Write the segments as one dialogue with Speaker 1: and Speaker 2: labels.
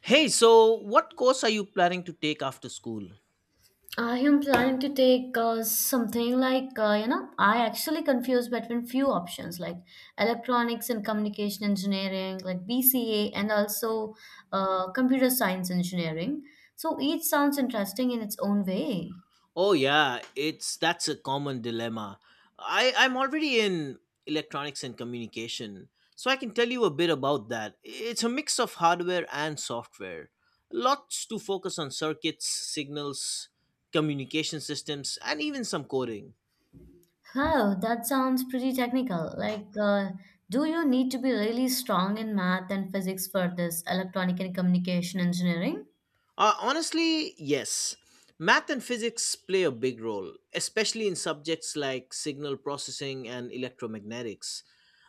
Speaker 1: Hey, so what course are you planning to take after school?
Speaker 2: I am planning to take something like, I actually confuse between few options like electronics and communication engineering, like BCA, and also computer science engineering. So each sounds interesting in its own way.
Speaker 1: Oh yeah, it's that's a common dilemma. I'm already in electronics and communication, so I can tell you a bit about that. It's a mix of hardware and software. Lots to focus on circuits, signals, communication systems, and even some coding.
Speaker 2: Wow, that sounds pretty technical. Like, do you need to be really strong in math and physics for this electronic and communication engineering?
Speaker 1: Honestly, yes. Math and physics play a big role, especially in subjects like signal processing and electromagnetics.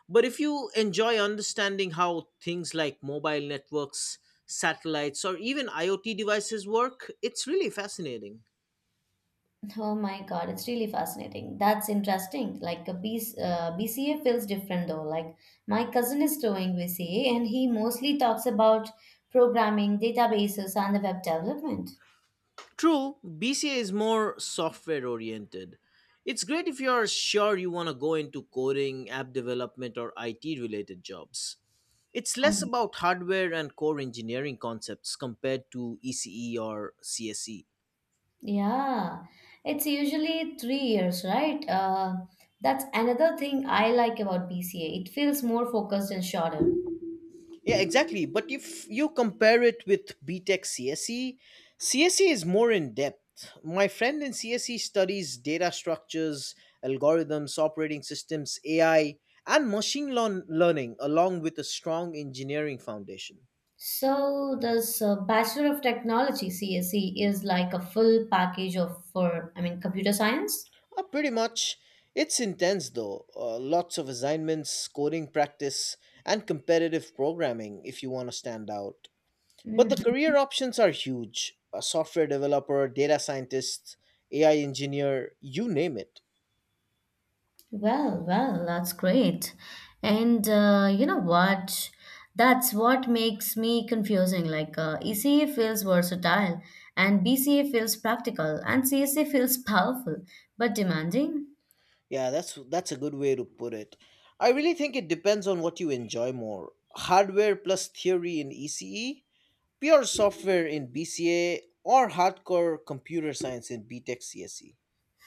Speaker 1: But if you enjoy understanding how things like mobile networks, satellites, or even IoT devices work, it's really fascinating.
Speaker 2: Oh my God, it's really fascinating. That's interesting. Like a BCA feels different though. Like my cousin is doing BCA and he mostly talks about programming, databases, and the web development.
Speaker 1: True, BCA is more software oriented. It's great if you're sure you want to go into coding, app development, or IT related jobs. It's less
Speaker 2: Oh.
Speaker 1: about hardware and core engineering concepts compared to ECE or CSE.
Speaker 2: Yeah, it's usually 3 years, right? That's another thing I like about BCA. It feels more focused and shorter.
Speaker 1: Yeah, exactly. But if you compare it with BTEC CSE, CSE is more in depth. My friend in CSE studies data structures, algorithms, operating systems, AI, and machine learning, along with a strong engineering foundation.
Speaker 2: So this Bachelor of Technology (CSE) is like a full package of for I mean, computer science.
Speaker 1: Pretty much. It's intense though. Lots of assignments, coding practice, and competitive programming if you want to stand out. But
Speaker 2: Mhm.
Speaker 1: the career options are huge: a software developer, data scientist, AI engineer, you name it.
Speaker 2: Well, well, that's great. And you know what? That's what makes me confusing. Like ECA feels versatile, and BCA feels practical, and CSA feels powerful but demanding.
Speaker 1: Yeah, that's a good way to put it. I really think it depends on what you enjoy more. Hardware plus theory in ECE, pure software in BCA, or hardcore computer science in BTech CSE.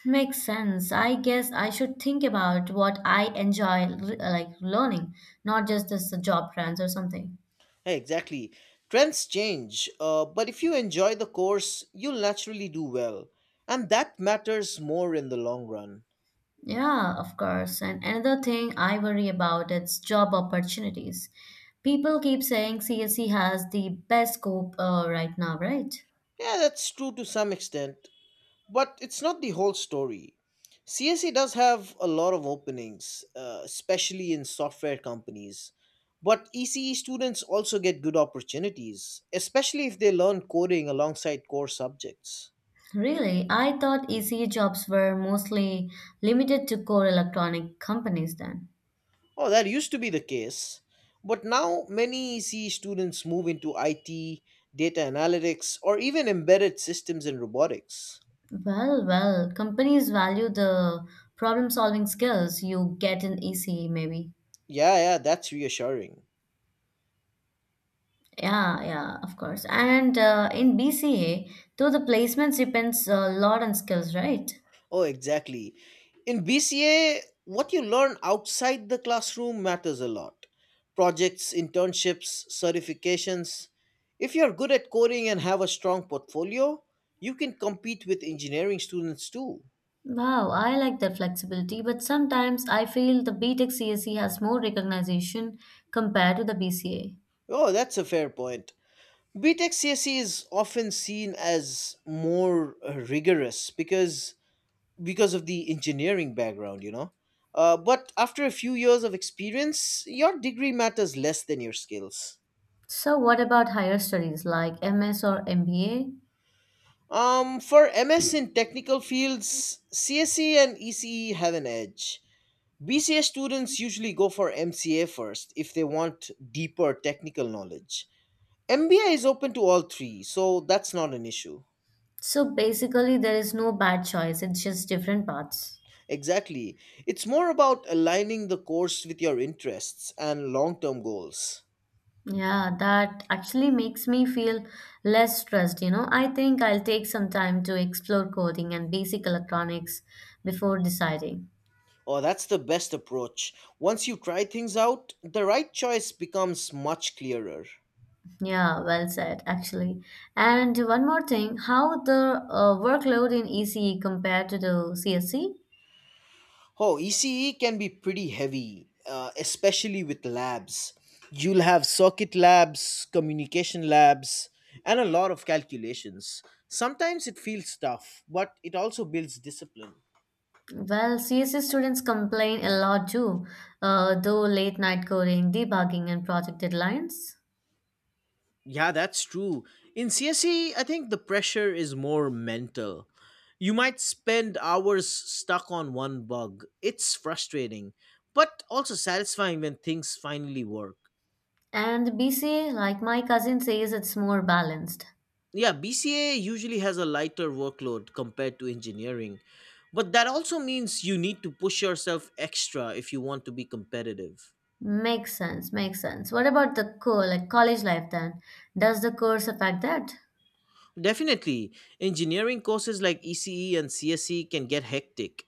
Speaker 2: Makes sense. I guess I should think about what I enjoy, like learning, not just this job plans or something.
Speaker 1: Yeah, exactly. Trends change, but if you enjoy the course, you'll naturally do well. And that matters more in the long run.
Speaker 2: Yeah, of course. And another thing I worry about is job opportunities. People keep saying CSE has the best scope right now, right?
Speaker 1: Yeah, that's true to some extent, but it's not the whole story. CSE does have a lot of openings, especially in software companies. But ECE students also get good opportunities, especially if they learn coding alongside core subjects.
Speaker 2: Really, I thought ECE jobs were mostly limited to core electronic companies then.
Speaker 1: Oh, that used to be the case. But now many EC students move into IT, data analytics, or even embedded systems and robotics.
Speaker 2: Well, well, companies value the problem-solving skills you get in ECE maybe.
Speaker 1: Yeah, yeah, that's reassuring.
Speaker 2: Yeah, yeah, of course. And in BCA, though the placements depends a lot on skills, right?
Speaker 1: Oh, exactly. In BCA, what you learn outside the classroom matters a lot. Projects, internships, certifications. If you're good at coding and have a strong portfolio, you can compete with engineering students too.
Speaker 2: Wow, I like that flexibility, but sometimes I feel the B Tech CSE has more recognition compared to the BCA.
Speaker 1: Oh, that's a fair point. B Tech CSE is often seen as more rigorous because of the engineering background. But after a few years of experience, your degree matters less than your skills.
Speaker 2: So, what about higher studies like MS or MBA?
Speaker 1: For MS in technical fields, CSE and ECE have an edge. BCA students usually go for MCA first if they want deeper technical knowledge. MBA is open to all three, so that's not an issue.
Speaker 2: So, basically, there is no bad choice, it's just different paths.
Speaker 1: Exactly. It's more about aligning the course with your interests and long term goals.
Speaker 2: Yeah, that actually makes me feel less stressed. I think I'll take some time to explore coding and basic electronics before deciding.
Speaker 1: Oh, that's the best approach. Once you try things out, the right choice becomes much clearer.
Speaker 2: Yeah, well said, actually. And one more thing, how the workload in ECE compared to the CSE?
Speaker 1: Oh, ECE can be pretty heavy, especially with labs. You'll have circuit labs, communication labs, and a lot of calculations. Sometimes it feels tough, but it also builds discipline.
Speaker 2: Well, CSE students complain a lot too, though late night coding, debugging, and project deadlines.
Speaker 1: Yeah, that's true. In CSE, I think the pressure is more mental. You might spend hours stuck on one bug. It's frustrating, but also satisfying when things finally work.
Speaker 2: And BCA, like my cousin says, it's more balanced.
Speaker 1: Yeah, BCA usually has a lighter workload compared to engineering, but that also means you need to push yourself extra if you want to be competitive.
Speaker 2: Makes sense, makes sense. What about the co like college life then? Does the course affect that?
Speaker 1: Definitely. Engineering courses like ECE and CSE can get hectic,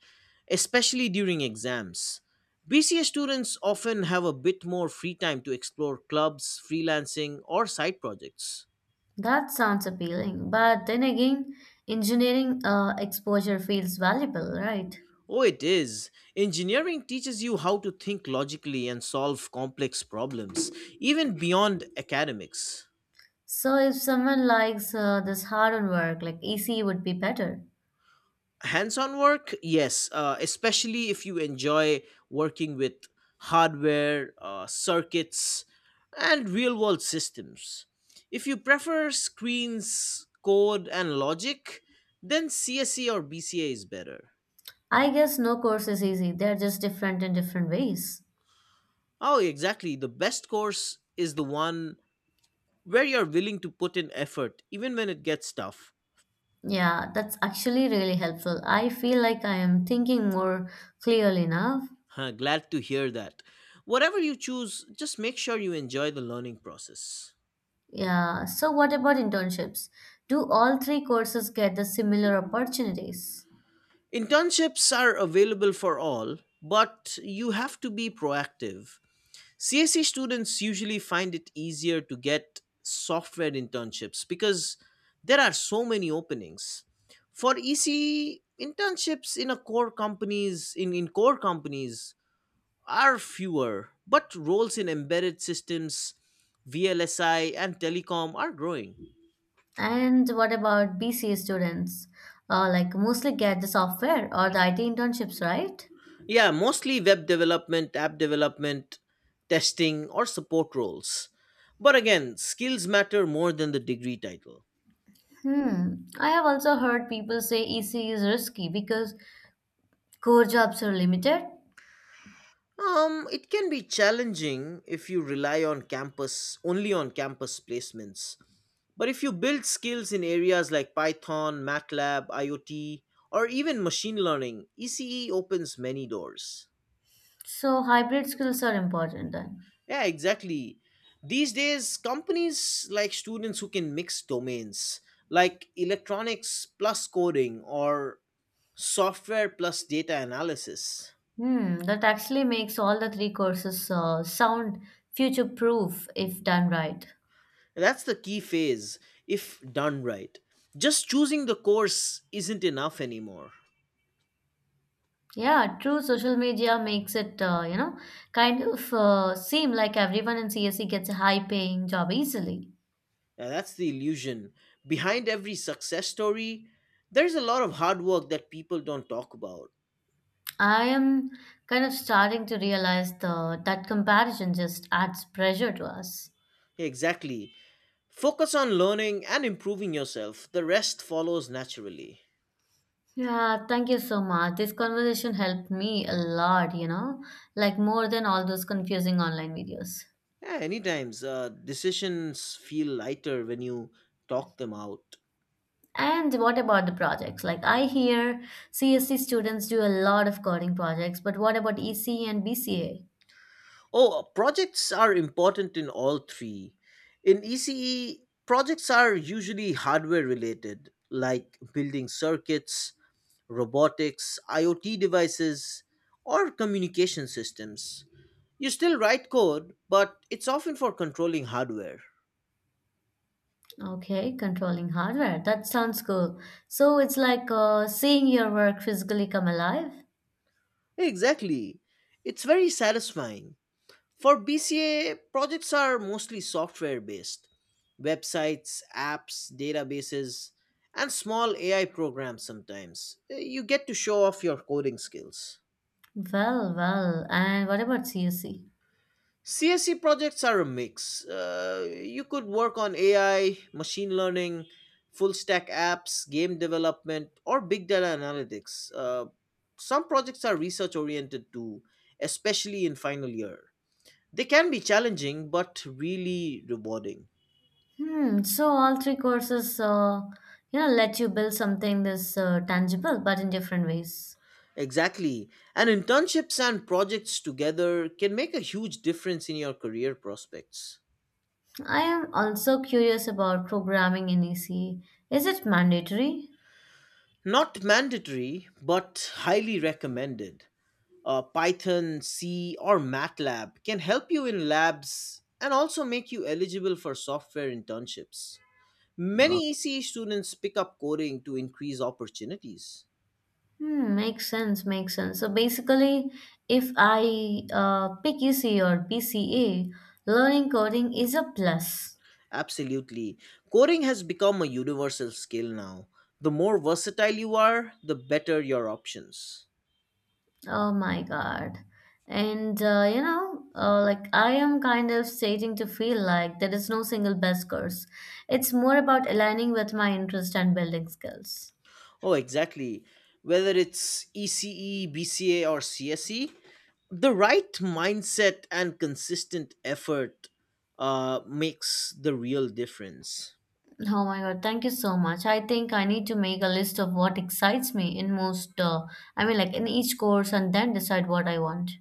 Speaker 1: especially during exams. BCA students often have a bit more free time to explore clubs, freelancing, or side projects.
Speaker 2: That sounds appealing, but then again, engineering exposure feels valuable, right?
Speaker 1: Oh, it is. Engineering teaches you how to think logically and solve complex problems, even beyond academics.
Speaker 2: So if someone likes this hard on work, like EC would be better.
Speaker 1: Hands-on work, yes. Especially if you enjoy working with hardware, circuits, and real-world systems. If you prefer screens, code, and logic, then CSE or BCA is better.
Speaker 2: I guess no course is easy. They're just different in different ways.
Speaker 1: Oh, exactly, the best course is the one where you're willing to put in effort even when it gets tough.
Speaker 2: Yeah, that's actually really helpful. I feel like I am thinking more clearly now.
Speaker 1: Huh, glad to hear that. Whatever you choose, just make sure you enjoy the learning process.
Speaker 2: Yeah. So what about internships? Do all three courses get the similar opportunities?
Speaker 1: Internships are available for all, but you have to be proactive. CSE students usually find it easier to get software internships because there are so many openings. For EC internships, in core companies are fewer, but roles in embedded systems, VLSI and telecom are growing.
Speaker 2: And what about BCA students? Like mostly get the software or the IT internships, right?
Speaker 1: Yeah, mostly web development, app development, testing, or support roles. But again, skills matter more than the degree title.
Speaker 2: Hmm. I have also heard people say EC is risky because core jobs are limited,
Speaker 1: It can be challenging if you rely on campus only on campus placements. But if you build skills in areas like Python, MATLAB, IoT, or even machine learning, ECE opens many doors.
Speaker 2: so hybrid skills are important then.
Speaker 1: Yeah, exactly. These days, companies like students who can mix domains, like electronics plus coding or software plus data analysis.
Speaker 2: Hmm, that actually makes all the three courses sound future proof if done right.
Speaker 1: That's the key phase if done right. Just choosing the course isn't enough anymore.
Speaker 2: Yeah, true. Social media makes it, kind of seem like everyone in CSE gets a high paying job easily.
Speaker 1: Yeah, that's the illusion. Behind every success story, there's a lot of hard work that people don't talk about.
Speaker 2: I am kind of starting to realize that comparison just adds pressure to us.
Speaker 1: Exactly. Focus on learning and improving yourself, the rest follows naturally.
Speaker 2: Yeah, thank you so much. This conversation helped me a lot, like more than all those confusing online videos.
Speaker 1: Yeah, anytimes. Decisions feel lighter when you talk them out.
Speaker 2: And what about the projects? Like I hear CSC students do a lot of coding projects, but what about EC and BCA?
Speaker 1: Oh, projects are important in all three. In ECE, projects are usually hardware related, like building circuits, robotics, IoT devices, or communication systems. You still write code, but it's often for controlling hardware.
Speaker 2: Okay, controlling hardware. That sounds cool. So it's like seeing your work physically come alive.
Speaker 1: Exactly. It's very satisfying. For BCA, projects are mostly software based: websites, apps, databases, and small AI programs sometimes. You get to show off your coding skills.
Speaker 2: Well, well. And what about CSC?
Speaker 1: CSE projects are a mix. You could work on AI, machine learning, full stack apps, game development, or big data analytics. Some projects are research oriented too, especially in final year. They can be challenging but really rewarding.
Speaker 2: Hmm. So all three courses, let you build something this tangible, but in different ways.
Speaker 1: Exactly. And internships and projects together can make a huge difference in your career prospects.
Speaker 2: I am also curious about programming in EC. Is it mandatory?
Speaker 1: Not mandatory, but highly recommended. Python, C, or MATLAB can help you in labs and also make you eligible for software internships.
Speaker 2: No.
Speaker 1: Many ECE students pick up coding to increase opportunities.
Speaker 2: Hmm. Makes sense. Makes sense. So basically, if I pick EC or PCA, learning coding is a plus.
Speaker 1: Absolutely. Coding has become a universal skill now. The more versatile you are, the better your options.
Speaker 2: Oh my God. And like I am kind of starting to feel like there is no single best course. It's more about aligning with my interest and building skills.
Speaker 1: Oh, exactly. Whether it's ECE, BCA, or CSE, the right mindset and consistent effort makes the real difference.
Speaker 2: Oh my God, thank you so much. I think I need to make a list of what excites me in most, I mean, like in each course and then decide what I want.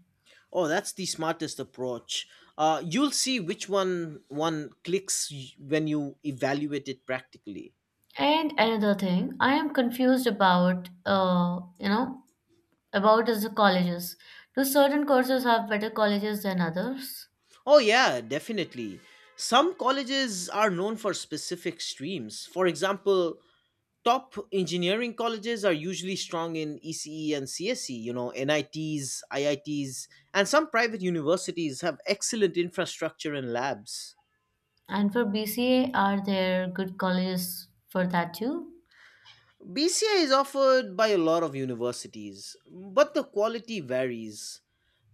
Speaker 1: Oh, that's the smartest approach. You'll see which one clicks when you evaluate it practically.
Speaker 2: And another thing, I am confused about is the colleges. Do certain courses have better colleges than others?
Speaker 1: Oh yeah, definitely. Some colleges are known for specific streams. For example, top engineering colleges are usually strong in ECE and CSE, NITs, IITs, and some private universities have excellent infrastructure and labs.
Speaker 2: And for BCA, are there good colleges for that too?
Speaker 1: BCI is offered by a lot of universities, but the quality varies.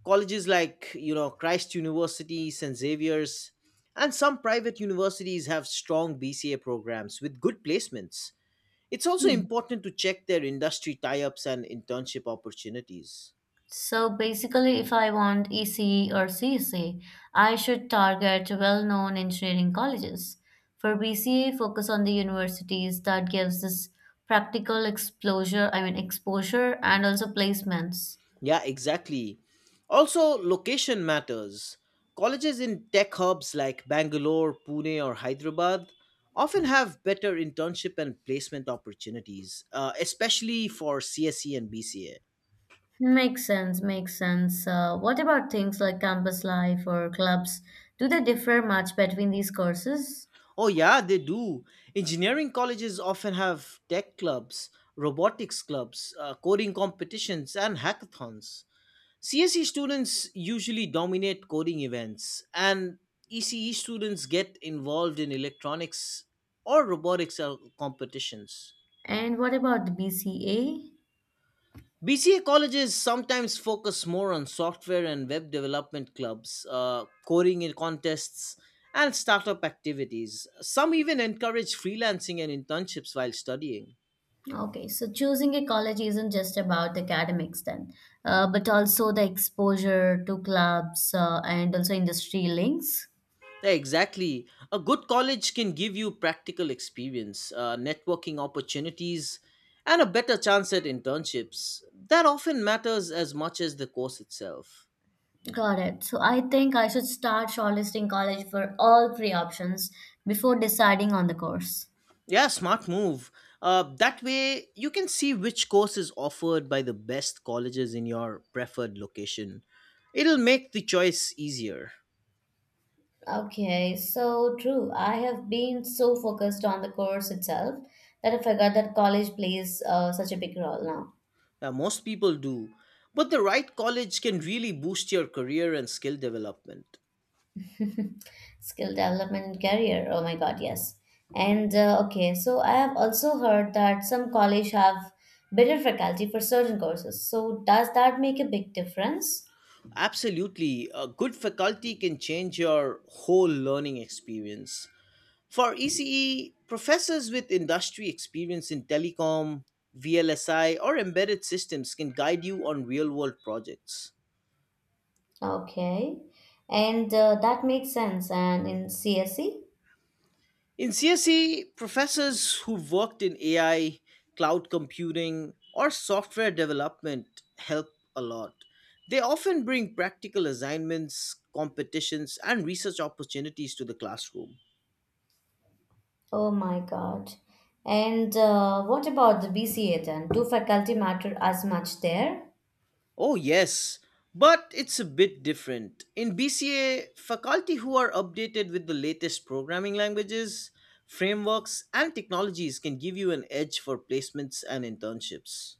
Speaker 1: Colleges like, Christ University, St. Xavier's, and some private universities have strong BCA programs with good placements. It's also
Speaker 2: Hmm.
Speaker 1: important to check their industry tie ups and internship opportunities.
Speaker 2: So basically, if I want ECE or CSA, I should target well-known engineering colleges. For BCA, focus on the universities that gives this practical exposure, I mean exposure and also placements.
Speaker 1: Yeah, exactly. Also, location matters. Colleges in tech hubs like Bangalore, Pune, or Hyderabad often have better internship and placement opportunities, especially for CSE and BCA.
Speaker 2: Makes sense, makes sense. What about things like campus life or clubs? Do they differ much between these courses?
Speaker 1: Oh, yeah, they do. Engineering colleges often have tech clubs, robotics clubs, coding competitions, and hackathons. CSE students usually dominate coding events, and ECE students get involved in electronics or robotics competitions.
Speaker 2: And what about the BCA?
Speaker 1: BCA colleges sometimes focus more on software and web development clubs, coding in contests, and startup activities. Some even encourage freelancing and internships while studying.
Speaker 2: Okay, so choosing a college isn't just about the academics then, but also the exposure to clubs and also industry links.
Speaker 1: Exactly. A good college can give you practical experience, networking opportunities, and a better chance at internships. That often matters as much as the course itself.
Speaker 2: Got it. So I think I should start shortlisting college for all three options before deciding on the course.
Speaker 1: Yeah, smart move. That way, you can see which course is offered by the best colleges in your preferred location. It'll make the choice easier.
Speaker 2: Okay, so true. I have been so focused on the course itself that I forgot that college plays such a big role now.
Speaker 1: Most people do. But the right college can really boost your career and skill development.
Speaker 2: Skill development and career. Oh my God, yes. And okay, so I have also heard that some college have better faculty for certain courses. So does that make a big difference?
Speaker 1: Absolutely. A good faculty can change your whole learning experience. For ECE, professors with industry experience in telecom, VLSI, or embedded systems can guide you on real world projects.
Speaker 2: Okay. And that makes sense. And in CSE,
Speaker 1: In CSE, professors who've worked in AI, cloud computing, or software development help a lot. They often bring practical assignments, competitions, and research opportunities to the classroom.
Speaker 2: oh my God. And what about the BCA then? Do faculty matter as much there?
Speaker 1: Oh, yes, but it's a bit different. In BCA, faculty who are updated with the latest programming languages, frameworks, and technologies can give you an edge for placements and internships.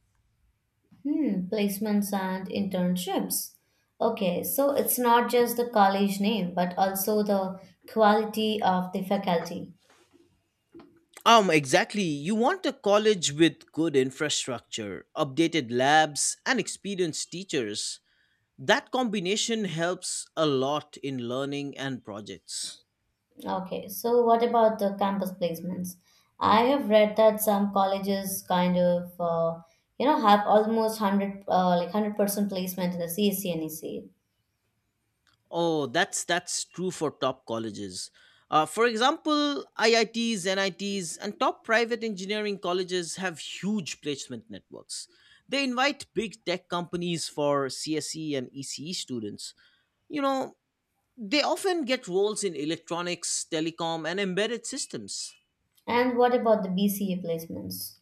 Speaker 2: Hmm, placements and internships. Okay, so it's not just the college name, but also the quality of the faculty.
Speaker 1: Exactly. You want a college with good infrastructure, updated labs, and experienced teachers. That combination helps a lot in learning and projects.
Speaker 2: Okay, so what about the campus placements? I have read that some colleges kind of, have almost like 100% placement in the CSC and
Speaker 1: Oh, that's true for top colleges. For example, IITs, NITs, and top private engineering colleges have huge placement networks. They invite big tech companies for CSE and ECE students. You know, they often get roles in electronics, telecom, and embedded systems.
Speaker 2: what about the BCA placements?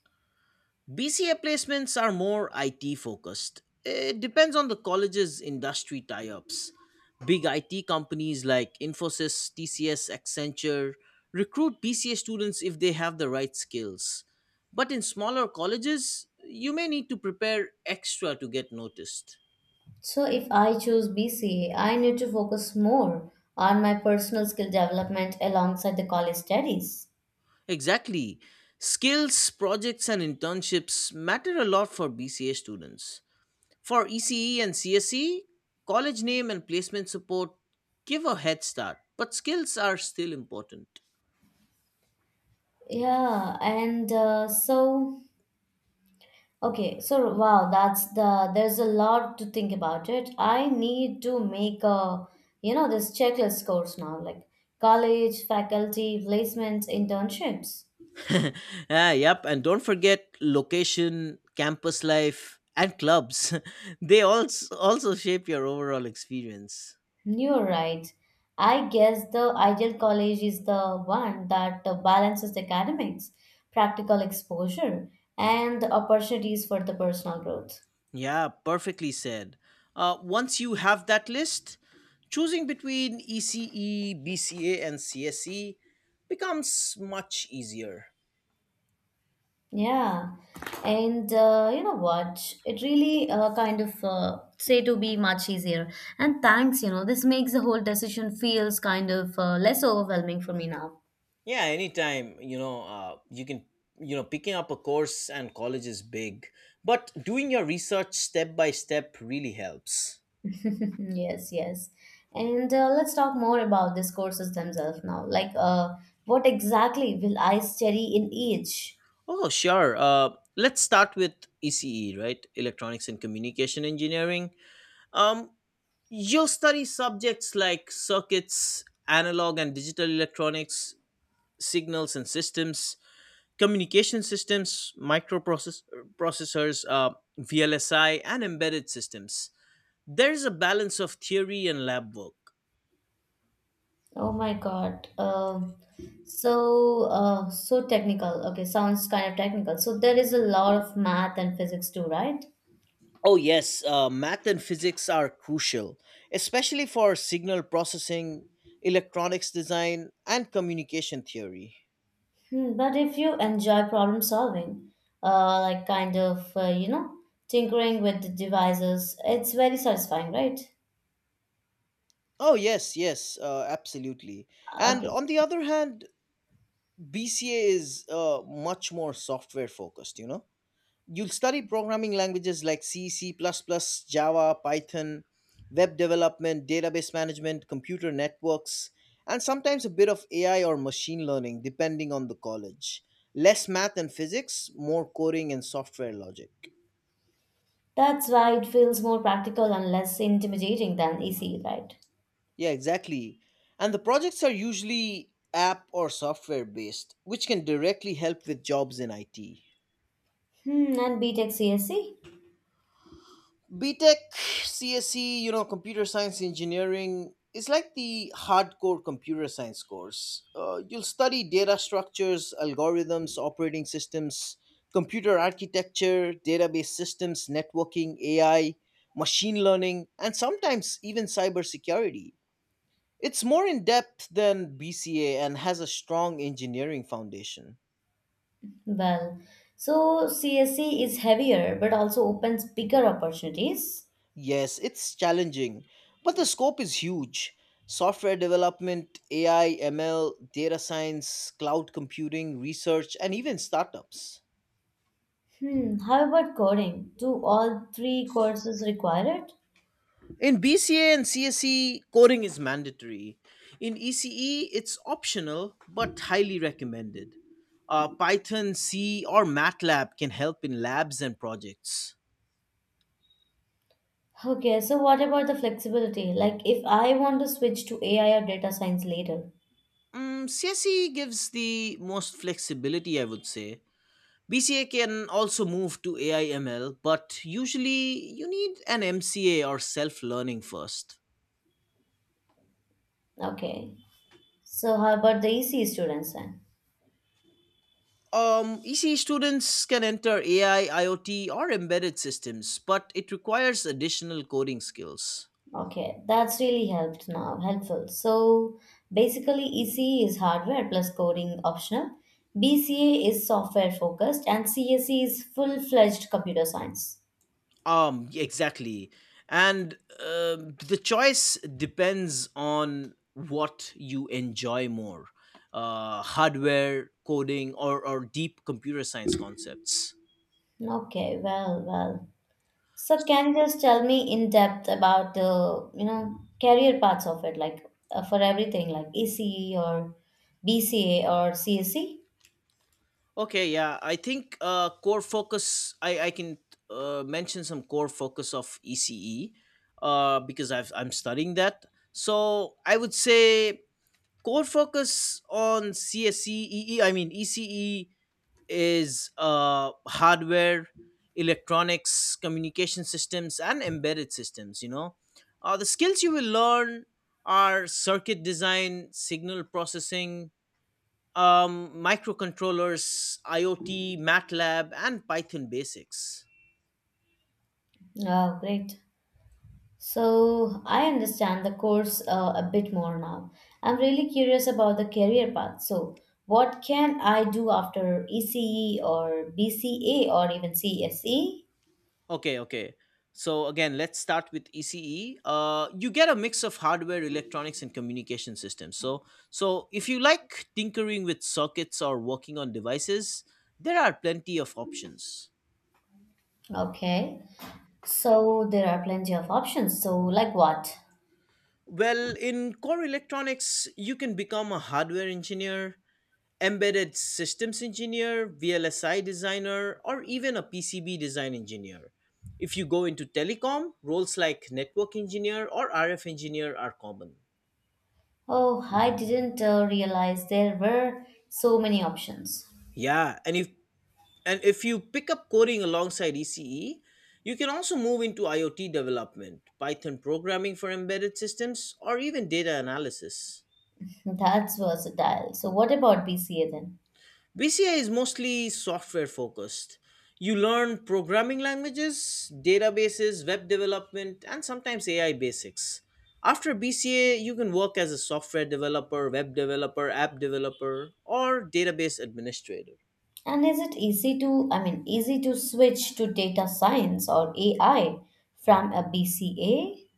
Speaker 1: BCA placements are more IT focused. It depends on the college's industry tie ups. Big IT companies like Infosys, TCS, Accenture recruit BCA students if they have the right skills. But in smaller colleges, you may need to prepare extra to get noticed.
Speaker 2: So if I choose BCA, I need to focus more on my personal skill development alongside the college studies.
Speaker 1: Exactly. Skills, projects, and internships matter a lot for BCA students. For ECE and CSE, college name and placement support give a head start, but skills are still important.
Speaker 2: Yeah, and so okay, so wow, that's the there's a lot to think about it. I need to make a you know this checklist course now, like college, faculty, placements, internships.
Speaker 1: Ah, yep, and don't forget location, campus life, and clubs. They also shape your overall experience.
Speaker 2: You're right. I guess the ideal college is the one that balances academics, practical exposure, and the opportunities for the personal growth.
Speaker 1: Yeah, perfectly said. Once you have that list, choosing between ECE, BCA, and CSE becomes much easier.
Speaker 2: Yeah, and you know what? It really kind of say to be much easier. And thanks. This makes the whole decision feels kind of less overwhelming for me now.
Speaker 1: Yeah, anytime. You can, picking up a course and college is big, but doing your research step by step really helps.
Speaker 2: Yes, yes. And let's talk more about these courses themselves now. Like, what exactly will I study in each?
Speaker 1: Oh, sure. Let's start with ECE, right? Electronics and communication engineering. um, you'll study subjects like circuits, analog and digital electronics, signals and systems, communication systems, microprocessors, VLSI, and embedded systems. There's a balance of theory and lab work.
Speaker 2: Oh my God. So technical. Okay, sounds kind of technical. So there is a lot of math and physics too, right?
Speaker 1: Oh, yes, math and physics are crucial, especially for signal processing, electronics design, and communication theory.
Speaker 2: Hmm, but if you enjoy problem solving, like kind of, tinkering with the devices, it's very satisfying, right?
Speaker 1: Oh, yes, yes, absolutely. And
Speaker 2: Okay.
Speaker 1: on the other hand, BCA is much more software focused, you know? You'll study programming languages like C, Java, Python, web development, database management, computer networks, and sometimes a bit of AI or machine learning, depending on the college. Less math and physics, more coding and software logic.
Speaker 2: That's why it feels more practical and less intimidating than ECE, right?
Speaker 1: Yeah, exactly. And the projects are usually app or software based, which can directly help with jobs in IT.
Speaker 2: Hmm, and BTech CSE?
Speaker 1: BTech, CSE, computer science engineering is like the hardcore computer science course. You'll study data structures, algorithms, operating systems, computer architecture, database systems, networking, AI, machine learning, and sometimes even cybersecurity. It's more in depth than BCA and has a strong engineering foundation.
Speaker 2: Well, so CSE is heavier but also opens bigger opportunities.
Speaker 1: Yes, it's challenging, but the scope is huge. Software development, AI, ML, data science, cloud computing, research, and even startups.
Speaker 2: Hmm, how about coding? Do all three courses require it?
Speaker 1: In BCA and CSE, coding is mandatory. In ECE, it's optional but highly recommended. Python, C, or MATLAB can help in labs and projects.
Speaker 2: Okay, so what about the flexibility? Like if I want to switch to AI or data science later.
Speaker 1: CSE gives the most flexibility, I would say. BCA can also move to AIML, but usually you need an MCA or self learning first.
Speaker 2: Okay. So how about the EC students then?
Speaker 1: ECE students can enter AI, IoT, or embedded systems, but it requires additional coding skills.
Speaker 2: Okay, that's really helped now, helpful. So basically EC is hardware plus coding optional, BCA is software focused, and CSE is full-fledged computer science.
Speaker 1: Exactly. And the choice depends on what you enjoy more: hardware, coding, or deep computer science concepts.
Speaker 2: Okay, well, well. So
Speaker 1: So
Speaker 2: can you just tell me in depth about the career paths of it, like for everything, like ECE or BCA or CSE?
Speaker 1: Okay, yeah, I think, core focus. I can mention some core focus of ECE, because I'm studying that. So I would say core focus on CSE. I mean ECE is hardware, electronics, communication systems, and embedded systems. The skills you will learn are circuit design, signal processing, microcontrollers, IoT, MATLAB, and Python basics.
Speaker 2: Oh, great. So I understand the course a bit more now. I'm really curious about the career path. So what can I do after ECE or BCA or even CSE?
Speaker 1: Okay, okay. So again, let's start with ECE. You get a mix of hardware, electronics, and communication systems. So if you like tinkering with sockets or working on devices, there are plenty of options.
Speaker 2: Okay. So there are plenty of options. So like what?
Speaker 1: Well, in core electronics, you can become a hardware engineer, embedded systems engineer, VLSI designer, or even a PCB design engineer. If you go into telecom, roles like network engineer or RF engineer are common.
Speaker 2: Oh, I didn't realize there were so many options.
Speaker 1: Yeah, and if you pick up coding alongside ECE, you can also move into IoT development, Python programming for embedded systems, or even data analysis.
Speaker 2: That's versatile. So what about BCA then?
Speaker 1: BCI is mostly software focused. You learn programming languages, databases, web development, and sometimes AI basics. After BCA, you can work as a software developer, web developer, app developer, or database administrator.
Speaker 2: And is it easy to, I mean, easy to switch to data science or AI from a BCA?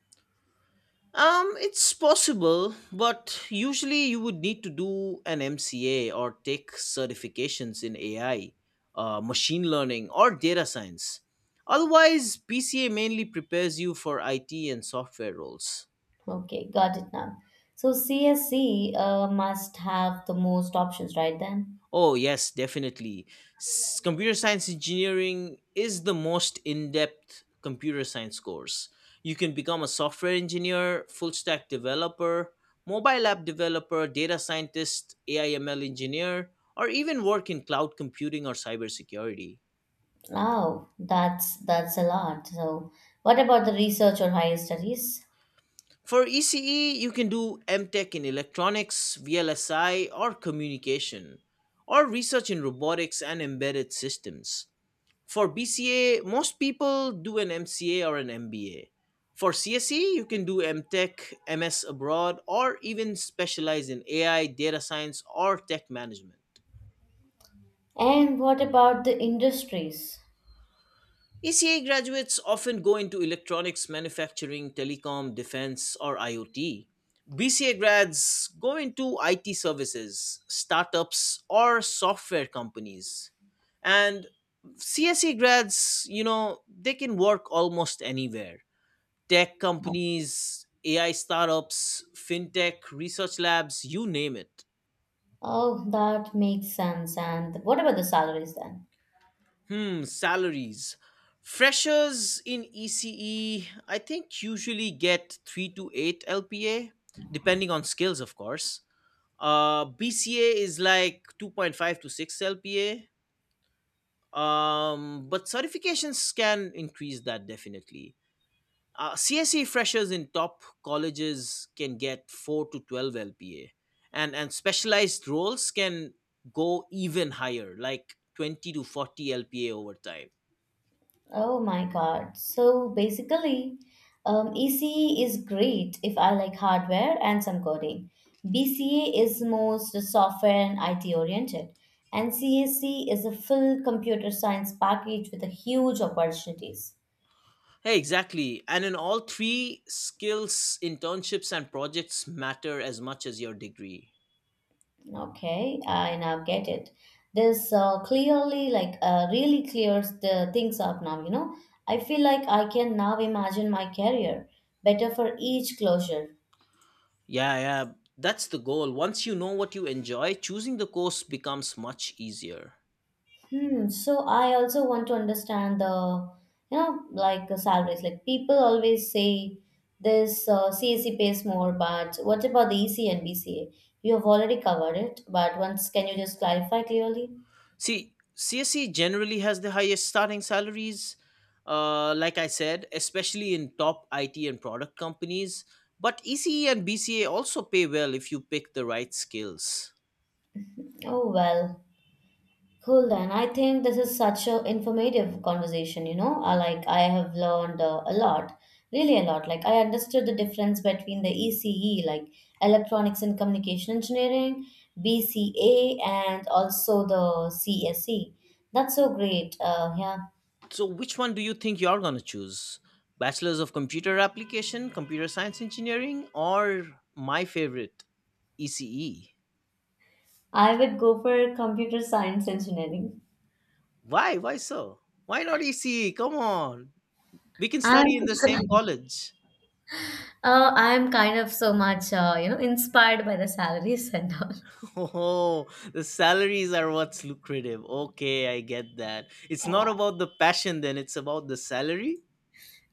Speaker 1: It's possible, but usually you would need to do an MCA or take certifications in AI, machine learning, or data science. Otherwise, PCA mainly prepares you for IT and software roles.
Speaker 2: Okay, got it now. So CSC must have the most options, right then?
Speaker 1: Oh, yes, definitely. Computer science engineering is the most in depth computer science course. You can become a software engineer, full stack developer, mobile app developer, data scientist, AI ML engineer, or even work in cloud computing or cybersecurity.
Speaker 2: Oh, that's a lot. So what about the research or higher studies?
Speaker 1: For ECE, you can do MTech in electronics, VLSI, or communication, or research in robotics and embedded systems. For BCA, most people do an MCA or an MBA. For CSE, you can do MTech, MS abroad, or even specialize in AI, data science, or tech management.
Speaker 2: And what about the industries?
Speaker 1: ECA graduates often go into electronics, manufacturing, telecom, defense, or IoT. BCA grads go into IT services, startups, or software companies. And CSE grads, they can work almost anywhere. Tech companies, AI startups, fintech, research labs, you name it.
Speaker 2: Oh, that makes sense. And what about the salaries then?
Speaker 1: Hmm, salaries. Freshers in ECE, I think, usually get 3 to 8 LPA, depending on skills, of course. BCA is like 2.5 to 6 LPA. But certifications can increase that definitely. CSE freshers in top colleges can get 4 to 12 LPA, and specialized roles can go even higher, like 20 to 40 LPA over time.
Speaker 2: Oh my God. So basically, ECE is great if I like hardware and some coding. BCA is most software and IT oriented. And CAC is a full computer science package with a huge opportunities.
Speaker 1: Hey, exactly. And in all three, skills, internships, and projects matter as much as your degree.
Speaker 2: Okay, I now get it. This clearly, like, really clears the things up now. I feel like I can now imagine my career better for each closure.
Speaker 1: Yeah, yeah, that's the goal. Once you know what you enjoy, choosing the course becomes much easier.
Speaker 2: Hmm. So I also want to understand the, like salaries. Like people always say this CSE pays more, but what about the EC and BCA? You have already covered it, but once can you just clarify clearly?
Speaker 1: See, CSE generally has the highest starting salaries, like I said, especially in top IT and product companies. But ECE and BCA also pay well if you pick the right skills.
Speaker 2: Oh well. Cool then. I think this is such a informative conversation, you know. I have learned a lot, really a lot. Like I understood the difference between the ECE, like electronics and communication engineering, BCA and also the CSE. That's so great. Yeah.
Speaker 1: So, which one do you think you're going to choose? Bachelor's of Computer Application, Computer Science Engineering, or my favorite, ECE?
Speaker 2: I would go for computer science engineering.
Speaker 1: Why? Why so? Why not ECE? Come on. We can
Speaker 2: I'm
Speaker 1: study in the same college.
Speaker 2: I'm kind of so much inspired by the salaries and all.
Speaker 1: Oh, the salaries are what's lucrative. Okay, I get that. It's not about the passion then, it's about the salary.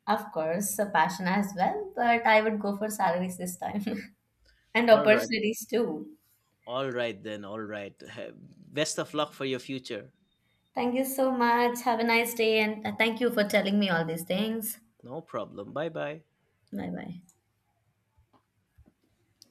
Speaker 2: Of course, a passion as well, but I would go for salaries this time and
Speaker 1: All right.
Speaker 2: opportunities too.
Speaker 1: All right then. All right. Best of luck for your future.
Speaker 2: Thank you so much. Have a nice day, and thank you for telling me all these things.
Speaker 1: No problem. Bye-bye.
Speaker 2: Bye bye.